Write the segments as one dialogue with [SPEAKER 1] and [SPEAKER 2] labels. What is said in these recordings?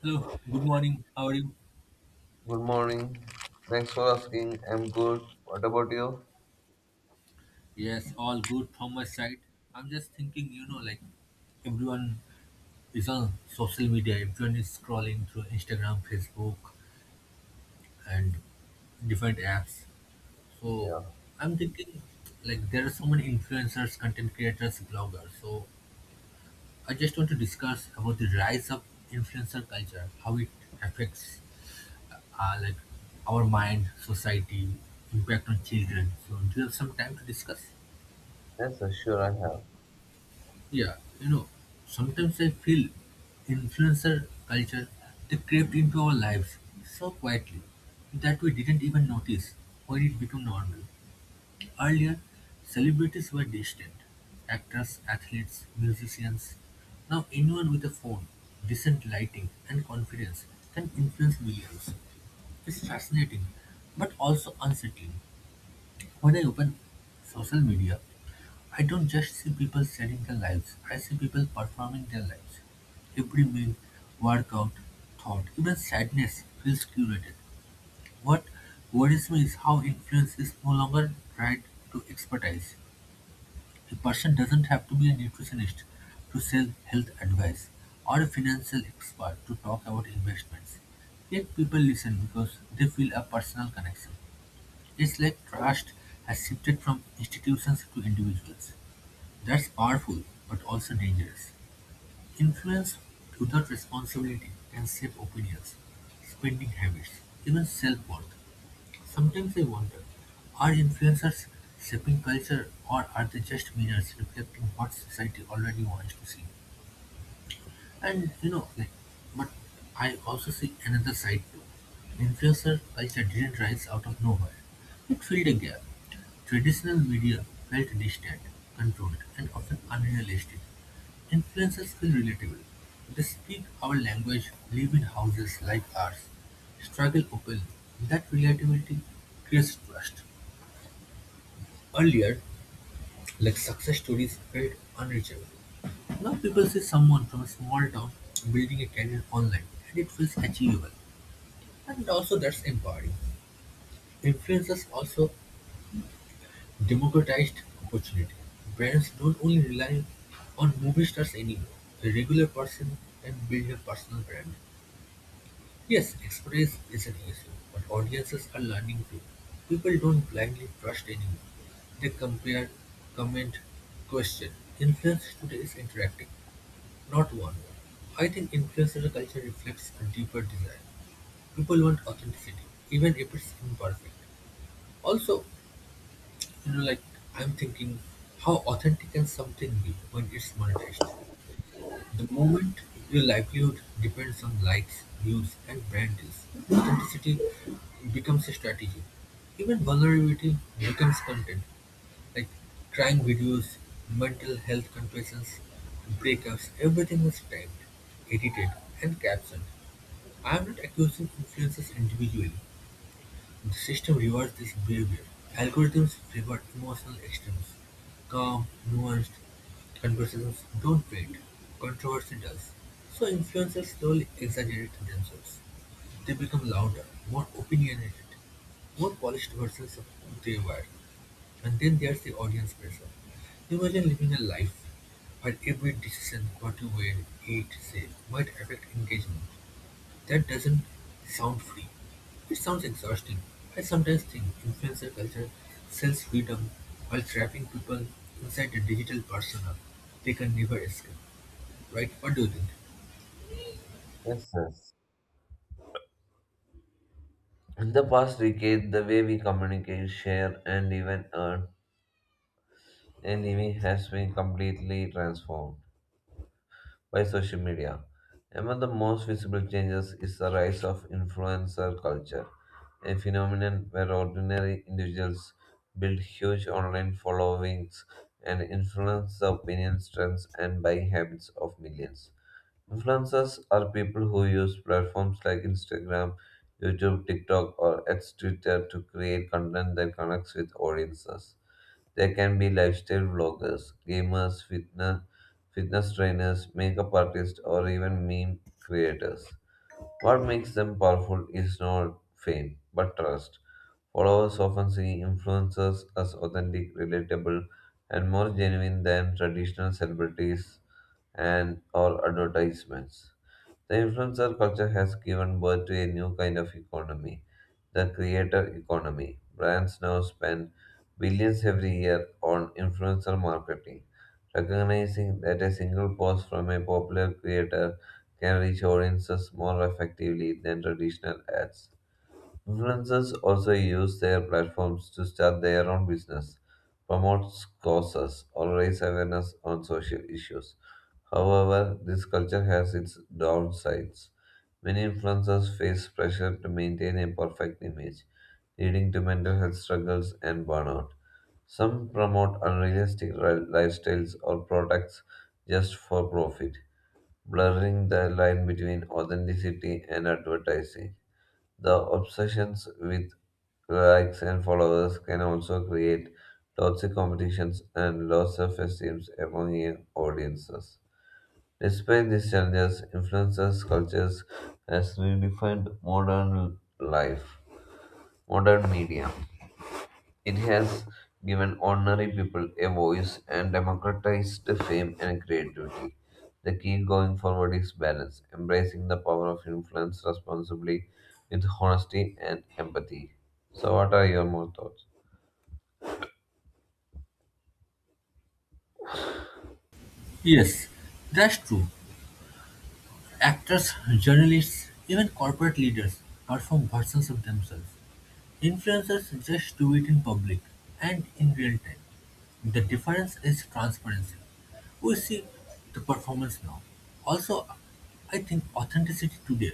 [SPEAKER 1] Hello, good morning. How are you?
[SPEAKER 2] Good morning. Thanks for asking. I'm good. What about you?
[SPEAKER 1] Yes, all good from my side. I'm just thinking, you know, like everyone is on social media, everyone is scrolling through Instagram, Facebook, and different apps. So
[SPEAKER 2] Yeah.
[SPEAKER 1] I'm thinking, like, there are so many influencers, content creators, bloggers. So I just want to discuss about the rise of influencer culture, how it affects, like, our mind, society, impact on children. So do you have some time to discuss?
[SPEAKER 2] Yes, sir. Sure, I have.
[SPEAKER 1] Yeah, you know, sometimes I feel influencer culture they crept into our lives so quietly that we didn't even notice when it became normal. Earlier, celebrities were distant actors, athletes, musicians. Now, anyone with a phone, decent lighting, and confidence can influence millions. It's fascinating but also unsettling. When I open social media, I don't just see people selling their lives, I see people performing their lives. Every meal, workout, thought, even sadness feels curated. What worries me is how influence is no longer tied to expertise. A person doesn't have to be a nutritionist to sell health advice or a financial expert to talk about investments. Yet people listen because they feel a personal connection. It's like trust has shifted from institutions to individuals. That's powerful, but also dangerous. Influence without responsibility can shape opinions, spending habits, even self-worth. Sometimes I wonder, are influencers shaping culture or are they just mirrors reflecting what society already wants to see? And you know, like, but I also see another side too. Influencer culture didn't rise out of nowhere. It filled a gap. Traditional media felt distant, controlled, and often unrealistic. Influencers feel relatable. They speak our language, live in houses like ours, struggle openly. That relatability creates trust. Earlier, like success stories felt unreachable. Now people see someone from a small town building a career online and it feels achievable. And also that's empowering. Influencers also democratized opportunity. Brands don't only rely on movie stars anymore. A regular person can build a personal brand. Yes, expertise is an issue, but audiences are learning too. People don't blindly trust anyone. They compare, comment, question. Influence today is interactive. Not one. I think influencer culture reflects a deeper desire. People want authenticity, even if it's imperfect. Also, you know, like I'm thinking, how authentic can something be when it's monetized? The moment your livelihood depends on likes, views, and brand deals, authenticity becomes a strategy. Even vulnerability becomes content. Like crime videos, mental health confessions, breakups, everything was typed, edited, and captioned. I am not accusing influencers individually. The system rewards this behavior; algorithms reward emotional extremes: calm, nuanced conversations don't fade, controversy does. So influencers slowly exaggerate themselves. They become louder, more opinionated, more polished versions of who they were. And then there's the audience pressure. Imagine living a life where every decision, what you wear, eat, say, might affect engagement. That doesn't sound free. It sounds exhausting. I sometimes think influencer culture sells freedom while trapping people inside a digital persona they can never escape. Right? What do you think?
[SPEAKER 2] Yes, yes. In the past decade, the way we communicate, share, and even earn a living has been completely transformed by social media. Among the most visible changes is the rise of influencer culture, a phenomenon where ordinary individuals build huge online followings and influence the opinions, trends, and buying habits of millions. Influencers are people who use platforms like Instagram, YouTube, TikTok, or X Twitter to create content that connects with audiences. They can be lifestyle vloggers, gamers, fitness trainers, makeup artists, or even meme creators. What makes them powerful is not fame, but trust. Followers often see influencers as authentic, relatable, and more genuine than traditional celebrities and or advertisements. The influencer culture has given birth to a new kind of economy, the creator economy. Brands now spend billions every year on influencer marketing, recognizing that a single post from a popular creator can reach audiences more effectively than traditional ads. Influencers also use their platforms to start their own business, promote causes, or raise awareness on social issues. However, this culture has its downsides. Many influencers face pressure to maintain a perfect image, leading to mental health struggles and burnout. Some promote unrealistic lifestyles or products just for profit, blurring the line between authenticity and advertising. The obsessions with likes and followers can also create toxic competitions and low self-esteem among young audiences. Despite these challenges, influencers cultures has redefined modern life, modern media. It has given ordinary people a voice and democratized fame and creativity. The key going forward is balance, embracing the power of influence responsibly with honesty and empathy. So, what are your more thoughts?
[SPEAKER 1] Yes, that's true. Actors, journalists, even corporate leaders perform versions of themselves. Influencers just do it in public and in real time. The difference is transparency. We see the performance now. Also, I think authenticity today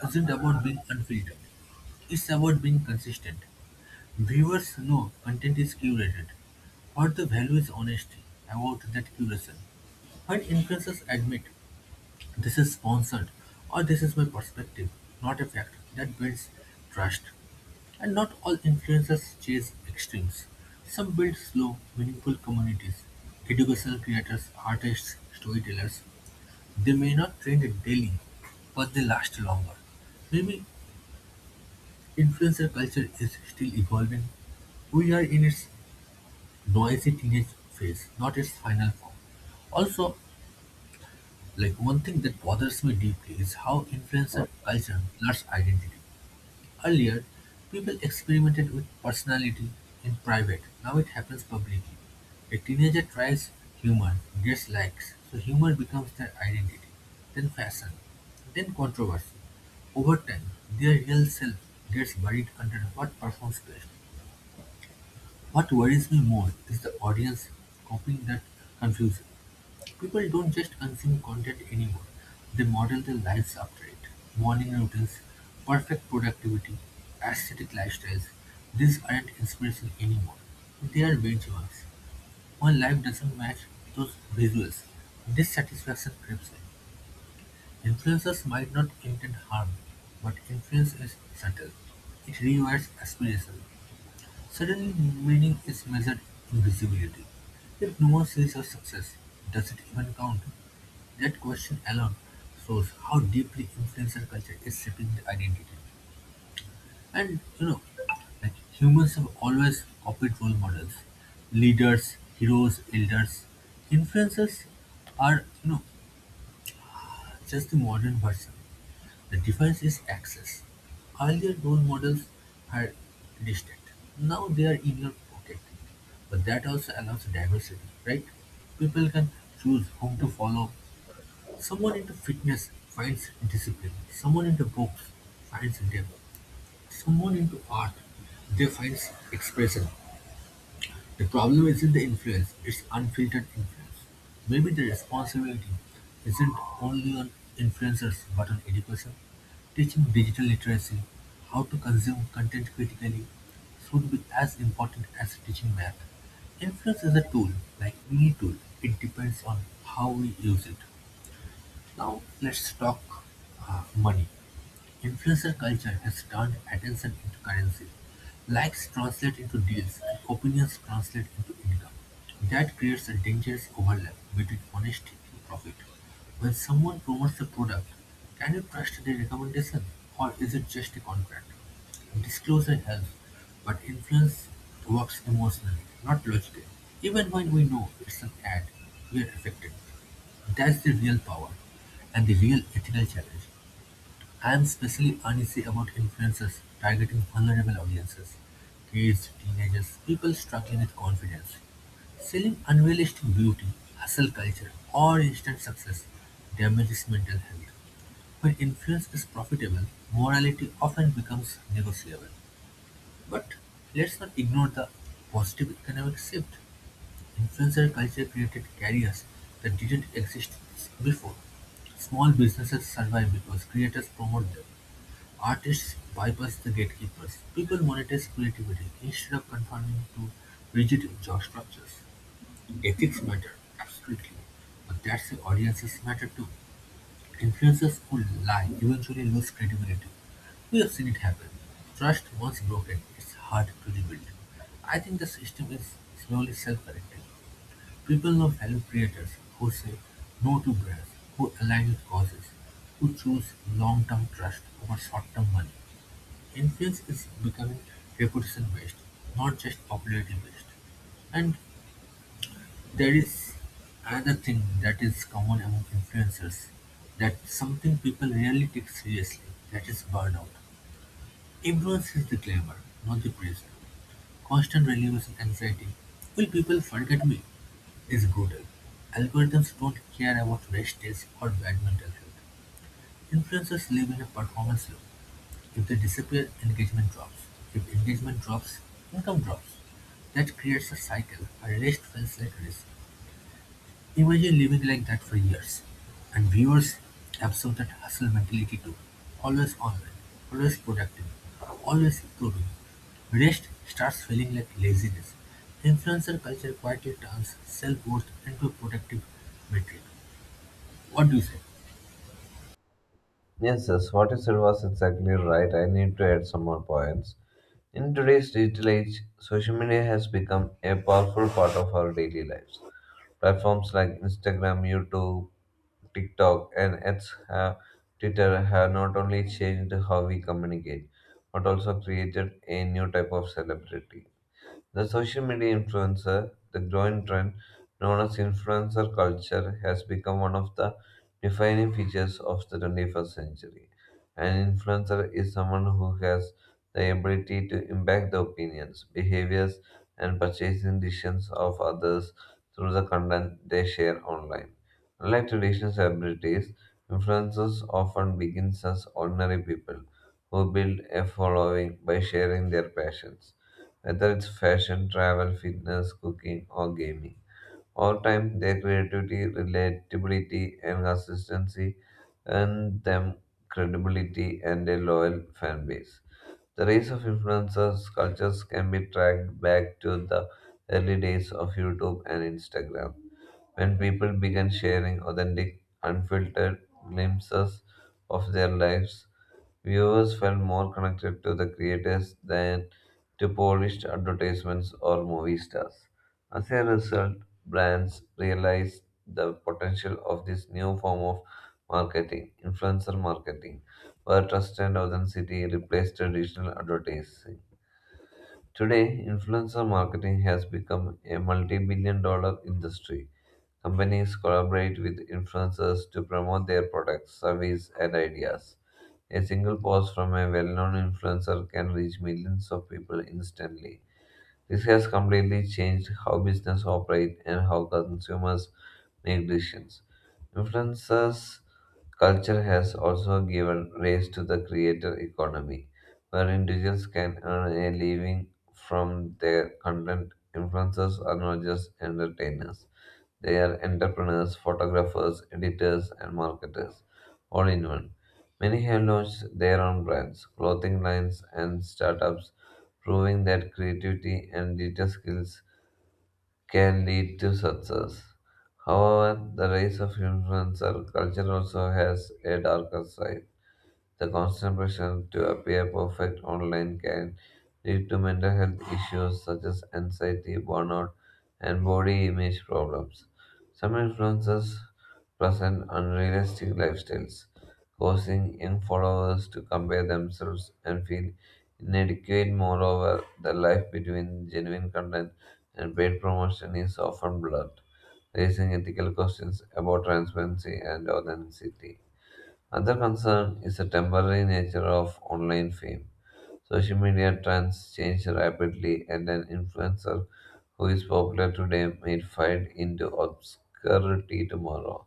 [SPEAKER 1] isn't about being unfiltered, it's about being consistent. Viewers know content is curated, but the value is honesty about that curation. When influencers admit this is sponsored or this is my perspective, not a fact, that builds trust. And not all influencers chase extremes. Some build slow, meaningful communities. Educational creators, artists, storytellers. They may not trend daily, but they last longer. Maybe influencer culture is still evolving. We are in its noisy teenage phase, not its final form. Also, like one thing that bothers me deeply is how influencer culture blurs identity. Earlier, people experimented with personality in private, now it happens publicly. A teenager tries humor, gets likes, so humor becomes their identity, then fashion, then controversy. Over time, their real self gets buried under what performs best. What worries me more is the audience copying that confusion. People don't just consume content anymore, they model their lives after it. Morning routines, perfect productivity, aesthetic lifestyles. These aren't inspiration anymore. They are benchmarks. When life doesn't match those visuals, dissatisfaction creeps in. Influencers might not intend harm, but influence is subtle. It rewires aspiration. Suddenly, meaning is measured in visibility. If no one sees your success, does it even count? That question alone shows how deeply influencer culture is shaping the identity. And you know, like humans have always copied role models, leaders, heroes, elders. Influencers are just the modern version. The difference is access. Earlier role models were distant. Now they are in your pocket. But that also allows diversity, right? People can choose whom to follow. Someone into fitness finds discipline. Someone into books finds depth. Someone into art, they finds expression. The problem isn't the influence, it's unfiltered influence. Maybe the responsibility isn't only on influencers but on education. Teaching digital literacy, how to consume content critically, should be as important as teaching math. Influence is a tool, like any tool, it depends on how we use it. Now let's talk money. Influencer culture has turned attention into currency. Likes translate into deals and opinions translate into income. That creates a dangerous overlap between honesty and profit. When someone promotes a product, can you trust their recommendation or is it just a contract? Disclosure helps, but influence works emotionally, not logically. Even when we know it's an ad, we are affected. That's the real power, and the real ethical challenge. I'm especially uneasy about influencers targeting vulnerable audiences, kids, teenagers, people struggling with confidence. Selling unrealistic beauty, hustle culture, or instant success damages mental health. When influence is profitable, morality often becomes negotiable. But let's not ignore the positive economic shift. Influencer culture created careers that didn't exist before. Small businesses survive because creators promote them. Artists bypass the gatekeepers. People monetize creativity instead of conforming to rigid job structures. Ethics matter, absolutely, but that's why audiences matter too. Influencers who lie eventually lose credibility. We have seen it happen. Trust once broken, it's hard to rebuild. I think the system is slowly self correcting. People know fellow creators who say no to growth, who align with causes, who choose long-term trust over short-term money. Influence is becoming reputation-based, not just popularity-based. And there is another thing that is common among influencers that something people rarely take seriously, that is burnout. Everyone sees the glamour, not the pressure. Constant relievous anxiety "Will people forget me?" is brutal. Algorithms don't care about rest days or bad mental health. Influencers live in a performance loop. If they disappear, engagement drops. If engagement drops, income drops. That creates a cycle. A rest feels like risk. Imagine living like that for years. And viewers absorb that hustle mentality too. Always online, always productive, always improving. Rest starts feeling like laziness. Influencer culture quietly turns self-worth into a productive metric. What do you say?
[SPEAKER 2] Yes, yes, what you said was exactly right. I need to add some more points. In today's digital age, social media has become a powerful part of our daily lives. Platforms like Instagram, YouTube, TikTok, and Twitter have not only changed how we communicate, but also created a new type of celebrity. The social media influencer, the growing trend known as influencer culture, has become one of the defining features of the 21st century. An influencer is someone who has the ability to impact the opinions, behaviors, and purchasing decisions of others through the content they share online. Unlike traditional celebrities, influencers often begin as ordinary people who build a following by sharing their passions whether it's fashion, travel, fitness, cooking, or gaming. Over time, their creativity, relatability, and consistency earn them credibility and a loyal fan base. The rise of influencers cultures can be tracked back to the early days of YouTube and Instagram when people began sharing authentic, unfiltered glimpses of their lives. Viewers felt more connected to the creators than to polished advertisements or movie stars. As a result, brands realized the potential of this new form of marketing, influencer marketing, where trust and authenticity replaced traditional advertising. Today, influencer marketing has become a multi billion dollar industry. Companies collaborate with influencers to promote their products, services, and ideas. A single post from a well known influencer can reach millions of people instantly. This has completely changed how business operate and how consumers make decisions. Influencers culture has also given rise to the creator economy, where individuals can earn a living from their content. Influencers are not just entertainers, they are entrepreneurs, photographers, editors, and marketers, all in one. Many have launched their own brands, clothing lines, and startups, proving that creativity and digital skills can lead to success. However, the rise of influencer culture also has a darker side. The constant pressure to appear perfect online can lead to mental health issues such as anxiety, burnout, and body image problems. Some influencers present unrealistic lifestyles, causing young followers to compare themselves and feel inadequate. Moreover, the life between genuine content and paid promotion is often blurred, raising ethical questions about transparency and authenticity. Another concern is the temporary nature of online fame. Social media trends change rapidly, and an influencer who is popular today may fade into obscurity tomorrow.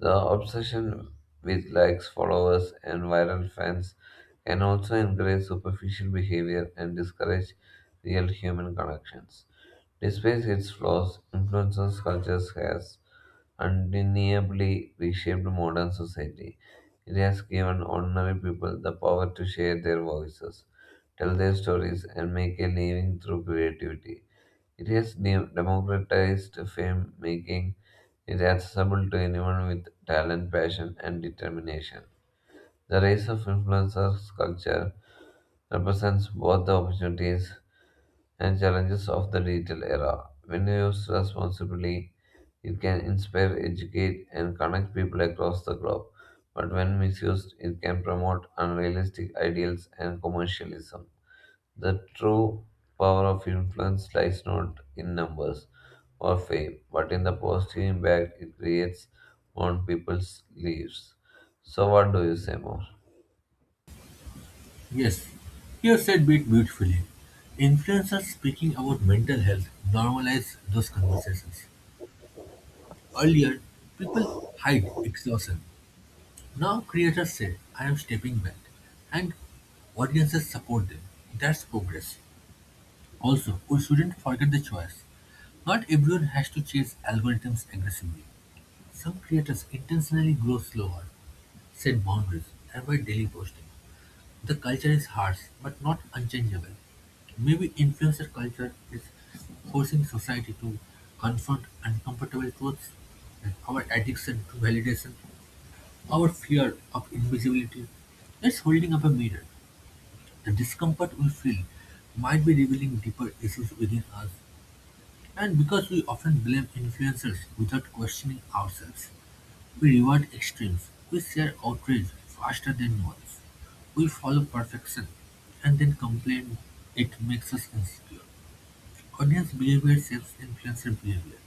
[SPEAKER 2] The obsession with likes, followers, and viral fans can also encourage superficial behavior and discourage real human connections. Despite its flaws, influences cultures has undeniably reshaped modern society. It has given ordinary people the power to share their voices, tell their stories, and make a living through creativity. It has democratized fame, making it accessible to anyone with talent, passion, and determination. The rise of influencer culture represents both the opportunities and challenges of the digital era. When used responsibly, it can inspire, educate, and connect people across the globe. But when misused, it can promote unrealistic ideals and commercialism. The true power of influence lies not in numbers or fame, but in the positive impact it creates on people's lives. So, what do you say more?
[SPEAKER 1] Yes, you have said it beautifully. Influencers speaking about mental health normalize those conversations. Earlier, people hide exhaustion. Now creators say, I'm stepping back, and audiences support them. That's progress. Also, we shouldn't forget the choice. Not everyone has to chase algorithms aggressively. Some creators intentionally grow slower, set boundaries, and by daily posting. The culture is harsh but not unchangeable. Maybe influencer culture is forcing society to confront uncomfortable truths and our addiction to validation our fear of invisibility is holding up a mirror. The discomfort we feel might be revealing deeper issues within us. And because we often blame influencers without questioning ourselves, we reward extremes. We share outrage faster than noise. We follow perfection and then complain it makes us insecure. Audience behavior shapes influencer behavior.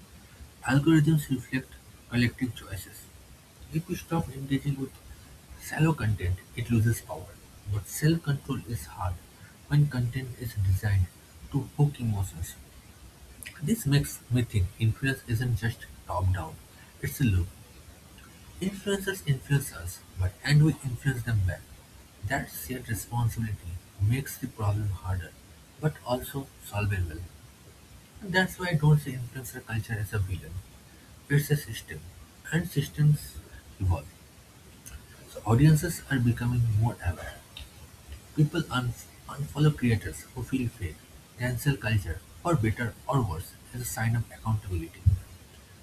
[SPEAKER 1] Algorithms reflect collective choices. If we stop engaging with shallow content, it loses power. But self-control is hard when content is designed to hook emotions. This makes me think influence isn't just top-down. It's a loop. Influencers influence us, but and we influence them back. That shared responsibility makes the problem harder, but also solvable. And that's why I don't see influencer culture as a villain. It's a system, and systems evolve, so audiences are becoming more aware. People unfollow creators who feel fake. Cancel culture, for better or worse, is a sign of accountability.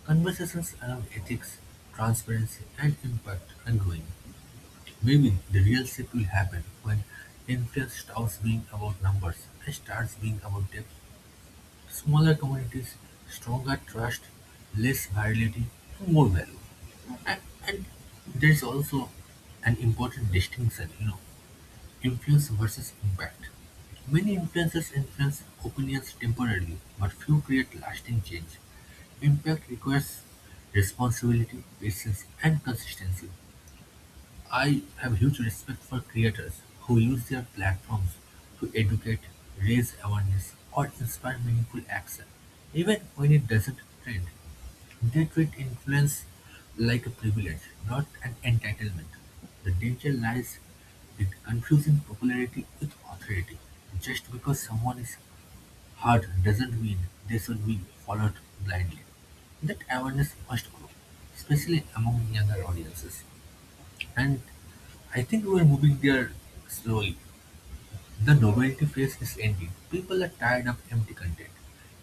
[SPEAKER 1] Conversations around ethics, transparency, and impact are growing. Maybe the real shift will happen when influence stops being about numbers and starts being about depth. Smaller communities, stronger trust, less virility, more value. And, and there's also an important distinction, you know, influence versus impact. Many influences influence opinions temporarily, but few create lasting change. Impact requires responsibility, patience, and consistency. I have huge respect for creators who use their platforms to educate, raise awareness, or inspire meaningful action, even when it doesn't trend. They treat influence like a privilege, not an entitlement. The danger lies in confusing popularity with authority. Just because someone is heard doesn't mean they should be followed blindly. That awareness must grow, especially among younger audiences. And I think we're moving there slowly. The novelty phase is ending. People are tired of empty content.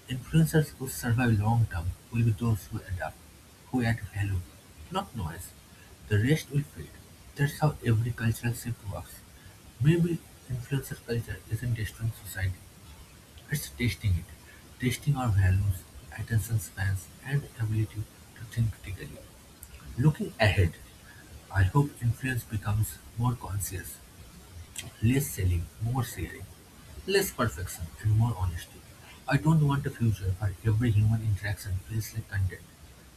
[SPEAKER 1] Influencers who survive long term will be those who adapt, who add value, not noise. The rest will fade. That's how every cultural shift works. Maybe influencer culture isn't destroying society, it's testing it, testing our values, attention spans, and ability to think critically. Looking ahead, I hope influence becomes more conscious, less selling, more sharing, less perfection and more honesty. I don't want a future where every human interaction feels like content.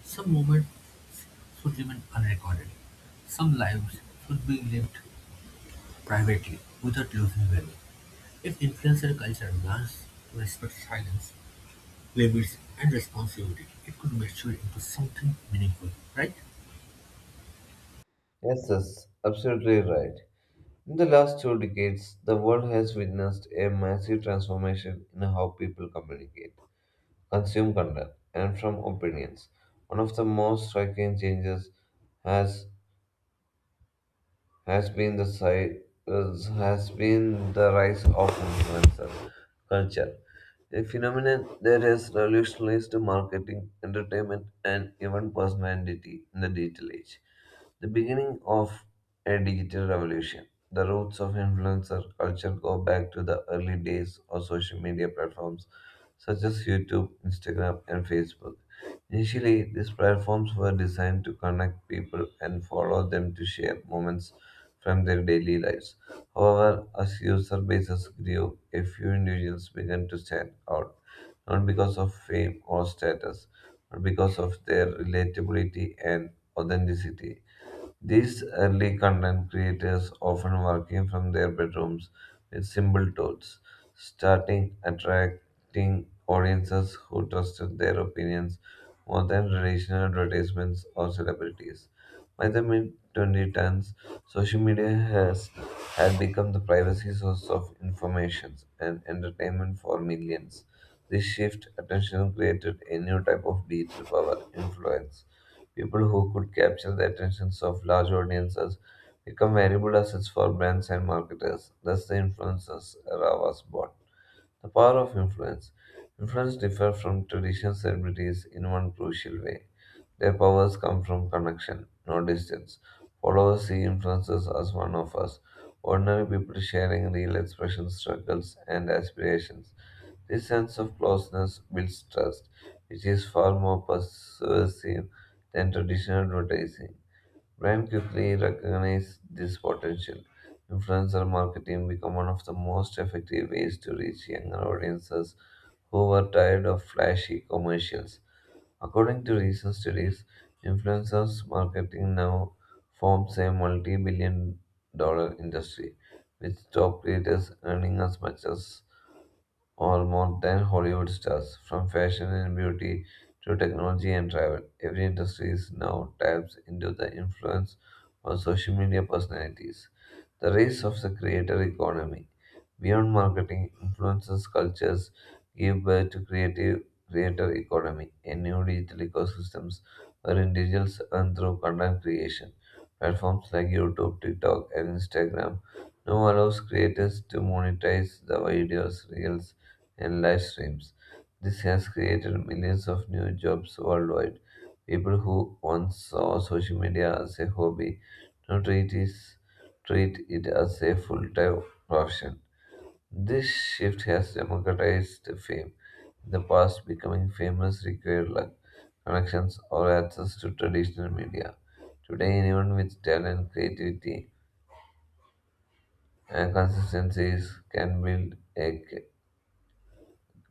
[SPEAKER 1] Some moments should remain unrecorded. Some lives should be lived privately without losing value. If influencer culture learns to respect silence, limits, and responsibility, it could mature into something meaningful, right?
[SPEAKER 2] Yes, yes, absolutely right. In the last two decades, the world has witnessed a massive transformation in how people communicate, consume content, and from opinions. One of the most striking changes has has been the side, has been the rise of influencer culture, a phenomenon that has revolutionized marketing, entertainment, and even personality in the digital age. The beginning of a digital revolution. The roots of influencer culture go back to the early days of social media platforms such as YouTube, Instagram, and Facebook. Initially, these platforms were designed to connect people and follow them to share moments from their daily lives. However, as user bases grew, a few individuals began to stand out, not because of fame or status, but because of their relatability and authenticity. These early content creators, often working from their bedrooms with simple tools, starting attracting audiences who trusted their opinions more than traditional advertisements or celebrities. By the mid 2010s, social media has had become the privacy source of information and entertainment for millions. This shift attention created a new type of digital power influence. People who could capture the attentions of large audiences become valuable assets for brands and marketers. Thus, the influencers era was born. The power of influence. Influence differs from traditional celebrities in one crucial way. Their powers come from connection, not distance. Followers see influencers as one of us, ordinary people sharing real expressions, struggles, and aspirations. This sense of closeness builds trust, which is far more persuasive than traditional advertising. Brand quickly recognized this potential. Influencer marketing became one of the most effective ways to reach younger audiences who were tired of flashy commercials. According to recent studies, influencers marketing now forms a multi billion dollar industry, with top creators earning as much as or more than Hollywood stars. From fashion and beauty to technology and travel, every industry is now taps into the influence of social media personalities. The rise of the creator economy. Beyond marketing, influences cultures give birth to creative creator economy, a new digital ecosystems where individuals earn through content creation. Platforms like YouTube, TikTok, and Instagram now allows creators to monetize the videos, reels, and live streams. This has created millions of new jobs worldwide. People who once saw social media as a hobby now treat it as a full time profession. This shift has democratized fame. In the past, becoming famous required luck, connections, or access to traditional media. Today, anyone with talent, creativity, and consistency is- can build a c-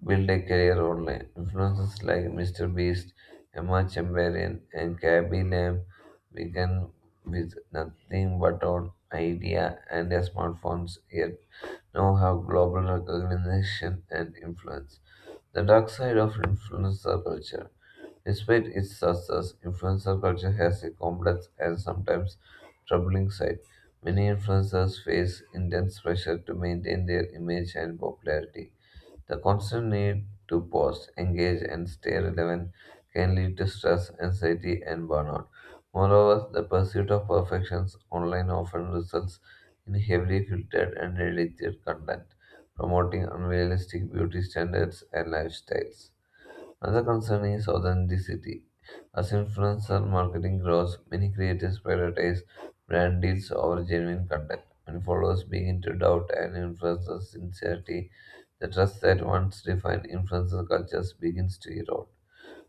[SPEAKER 2] built a career online. Influencers like Mr. Beast, Emma Chamberlain, and Gabby Lamb began with nothing but an idea and their smartphones, yet now have global recognition and influence. The dark side of influencer culture. Despite its success, influencer culture has a complex and sometimes troubling side. Many influencers face intense pressure to maintain their image and popularity. The constant need to pause, engage, and stay relevant can lead to stress, anxiety, and burnout. Moreover, the pursuit of perfections online often results in heavily filtered and edited content, promoting unrealistic beauty standards and lifestyles. Another concern is authenticity. As influencer marketing grows, many creators prioritize brand deals over genuine content. When followers begin to doubt an influencer's sincerity, the trust that once defined influencer cultures begins to erode.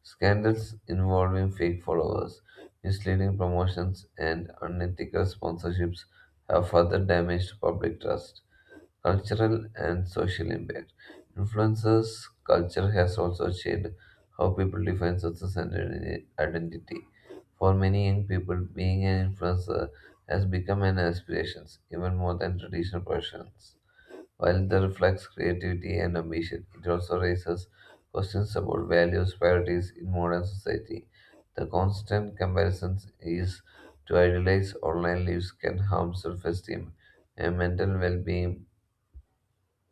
[SPEAKER 2] Scandals involving fake followers, misleading promotions, and unethical sponsorships have further damaged public trust. Cultural and social impact. Influences culture has also shaped how people define success and identity. For many young people, being an influencer has become an aspiration, even more than traditional professions. While it reflects creativity and ambition, it also raises questions about values, priorities in modern society. The constant comparisons is to idolize online lives can harm self-esteem and mental well-being,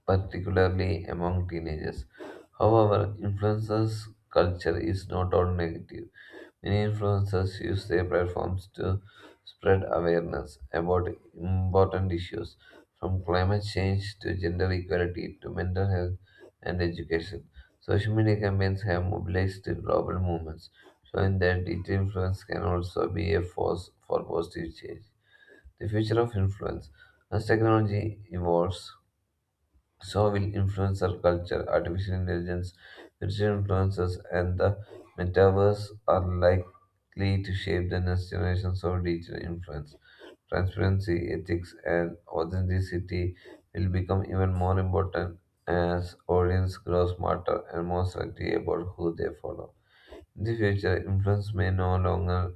[SPEAKER 2] particularly among teenagers. However, influencers culture is not all negative. Many influencers use their platforms to spread awareness about important issues, from climate change to gender equality to mental health and education. Social media campaigns have mobilized global movements, showing that its influence can also be a force for positive change. The future of influence. As technology evolves, so will influencer culture. Artificial intelligence, digital influencers, and the metaverse are likely to shape the next generations of digital influence. Transparency, ethics, and authenticity will become even more important as audience grow smarter and more selective about who they follow. In the future, influence may no longer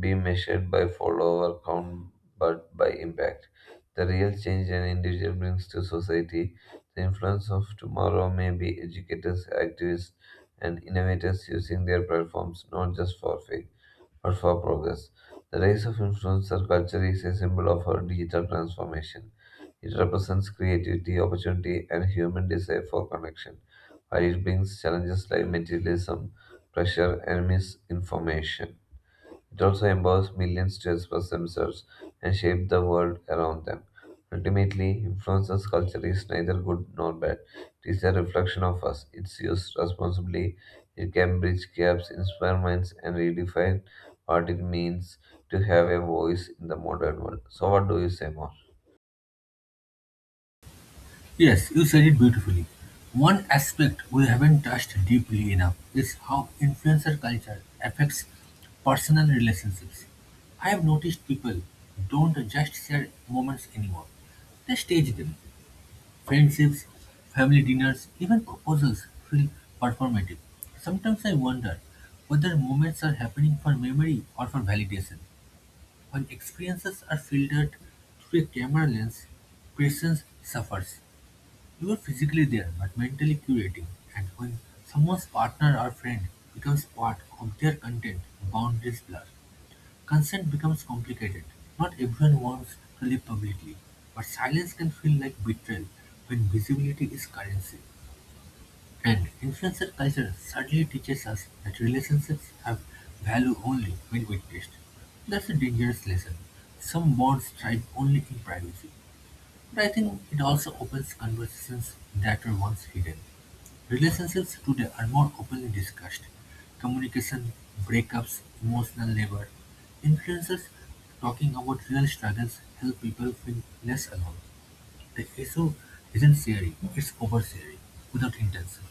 [SPEAKER 2] be measured by follower count but by impact. The real change an individual brings to society, the influence of tomorrow may be educators, activists, and innovators using their platforms not just for faith but for progress. The rise of influencer culture is a symbol of our digital transformation. It represents creativity, opportunity, and human desire for connection, while it brings challenges like materialism, pressure, and misinformation. It also empowers millions to express themselves and shape the world around them. Ultimately, influencer's culture is neither good nor bad. It is a reflection of us. It's used responsibly. It can bridge gaps, inspire minds, and redefine what it means to have a voice in the modern world. So, what do you say more?
[SPEAKER 1] Yes, you said it beautifully. One aspect we haven't touched deeply enough is how influencer culture affects personal relationships. I have noticed people don't just share moments anymore, they stage them. Friendships, family dinners, even proposals feel performative. Sometimes I wonder whether moments are happening for memory or for validation. When experiences are filtered through a camera lens, presence suffers. You're physically there but mentally curating, and when someone's partner or friend becomes part of their content, boundaries blur. Consent becomes complicated. Not everyone wants to live publicly, but silence can feel like betrayal when visibility is currency. And influencer culture sadly teaches us that relationships have value only when witnessed. That's a dangerous lesson. Some bonds thrive only in privacy, but I think it also opens conversations that were once hidden. Relationships today are more openly discussed. Communication, breakups, emotional labor. Influencers talking about real struggles help people feel less alone. The issue isn't sharing, it's oversharing without intention.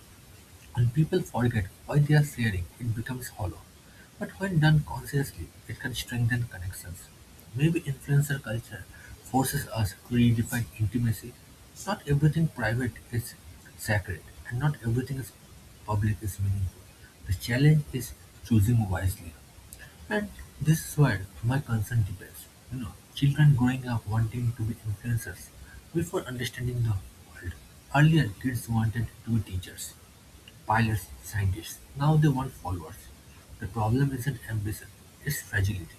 [SPEAKER 1] When people forget why they are sharing, it becomes hollow. But when done consciously, it can strengthen connections. Maybe influencer culture forces us to redefine intimacy. Not everything private is sacred, and not everything is public is meaningful. The challenge is choosing wisely. And this is where my concern depends. You know, children growing up wanting to be influencers before understanding the world. Earlier, kids wanted to be teachers, pilots, scientists. Now they want followers. The problem isn't ambition, it's fragility.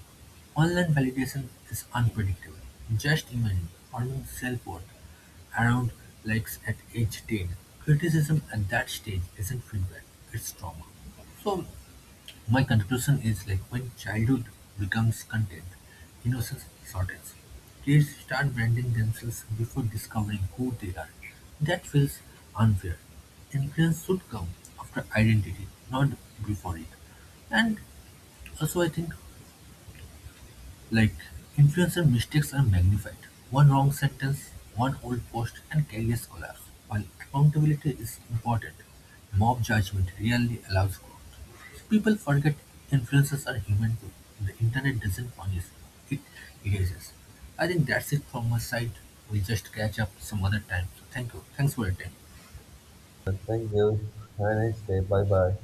[SPEAKER 1] Online validation is unpredictable. Just imagine forming self-worth around likes at age 10. Criticism at that stage isn't feedback, it's trauma. So my conclusion is like when childhood becomes content, innocence shortens. Kids start branding themselves before discovering who they are. That feels unfair. Influence should come after identity, not before it. And also, I think like, influencer mistakes are magnified. One wrong sentence, one old post, and careers collapse. While accountability is important, mob judgment rarely allows growth. People forget influencers are human too. The internet doesn't punish, it erases. I think that's it from my side. We'll just catch up some other time. So thank you. Thanks for your time.
[SPEAKER 2] Thank you. Have a nice day. Bye bye.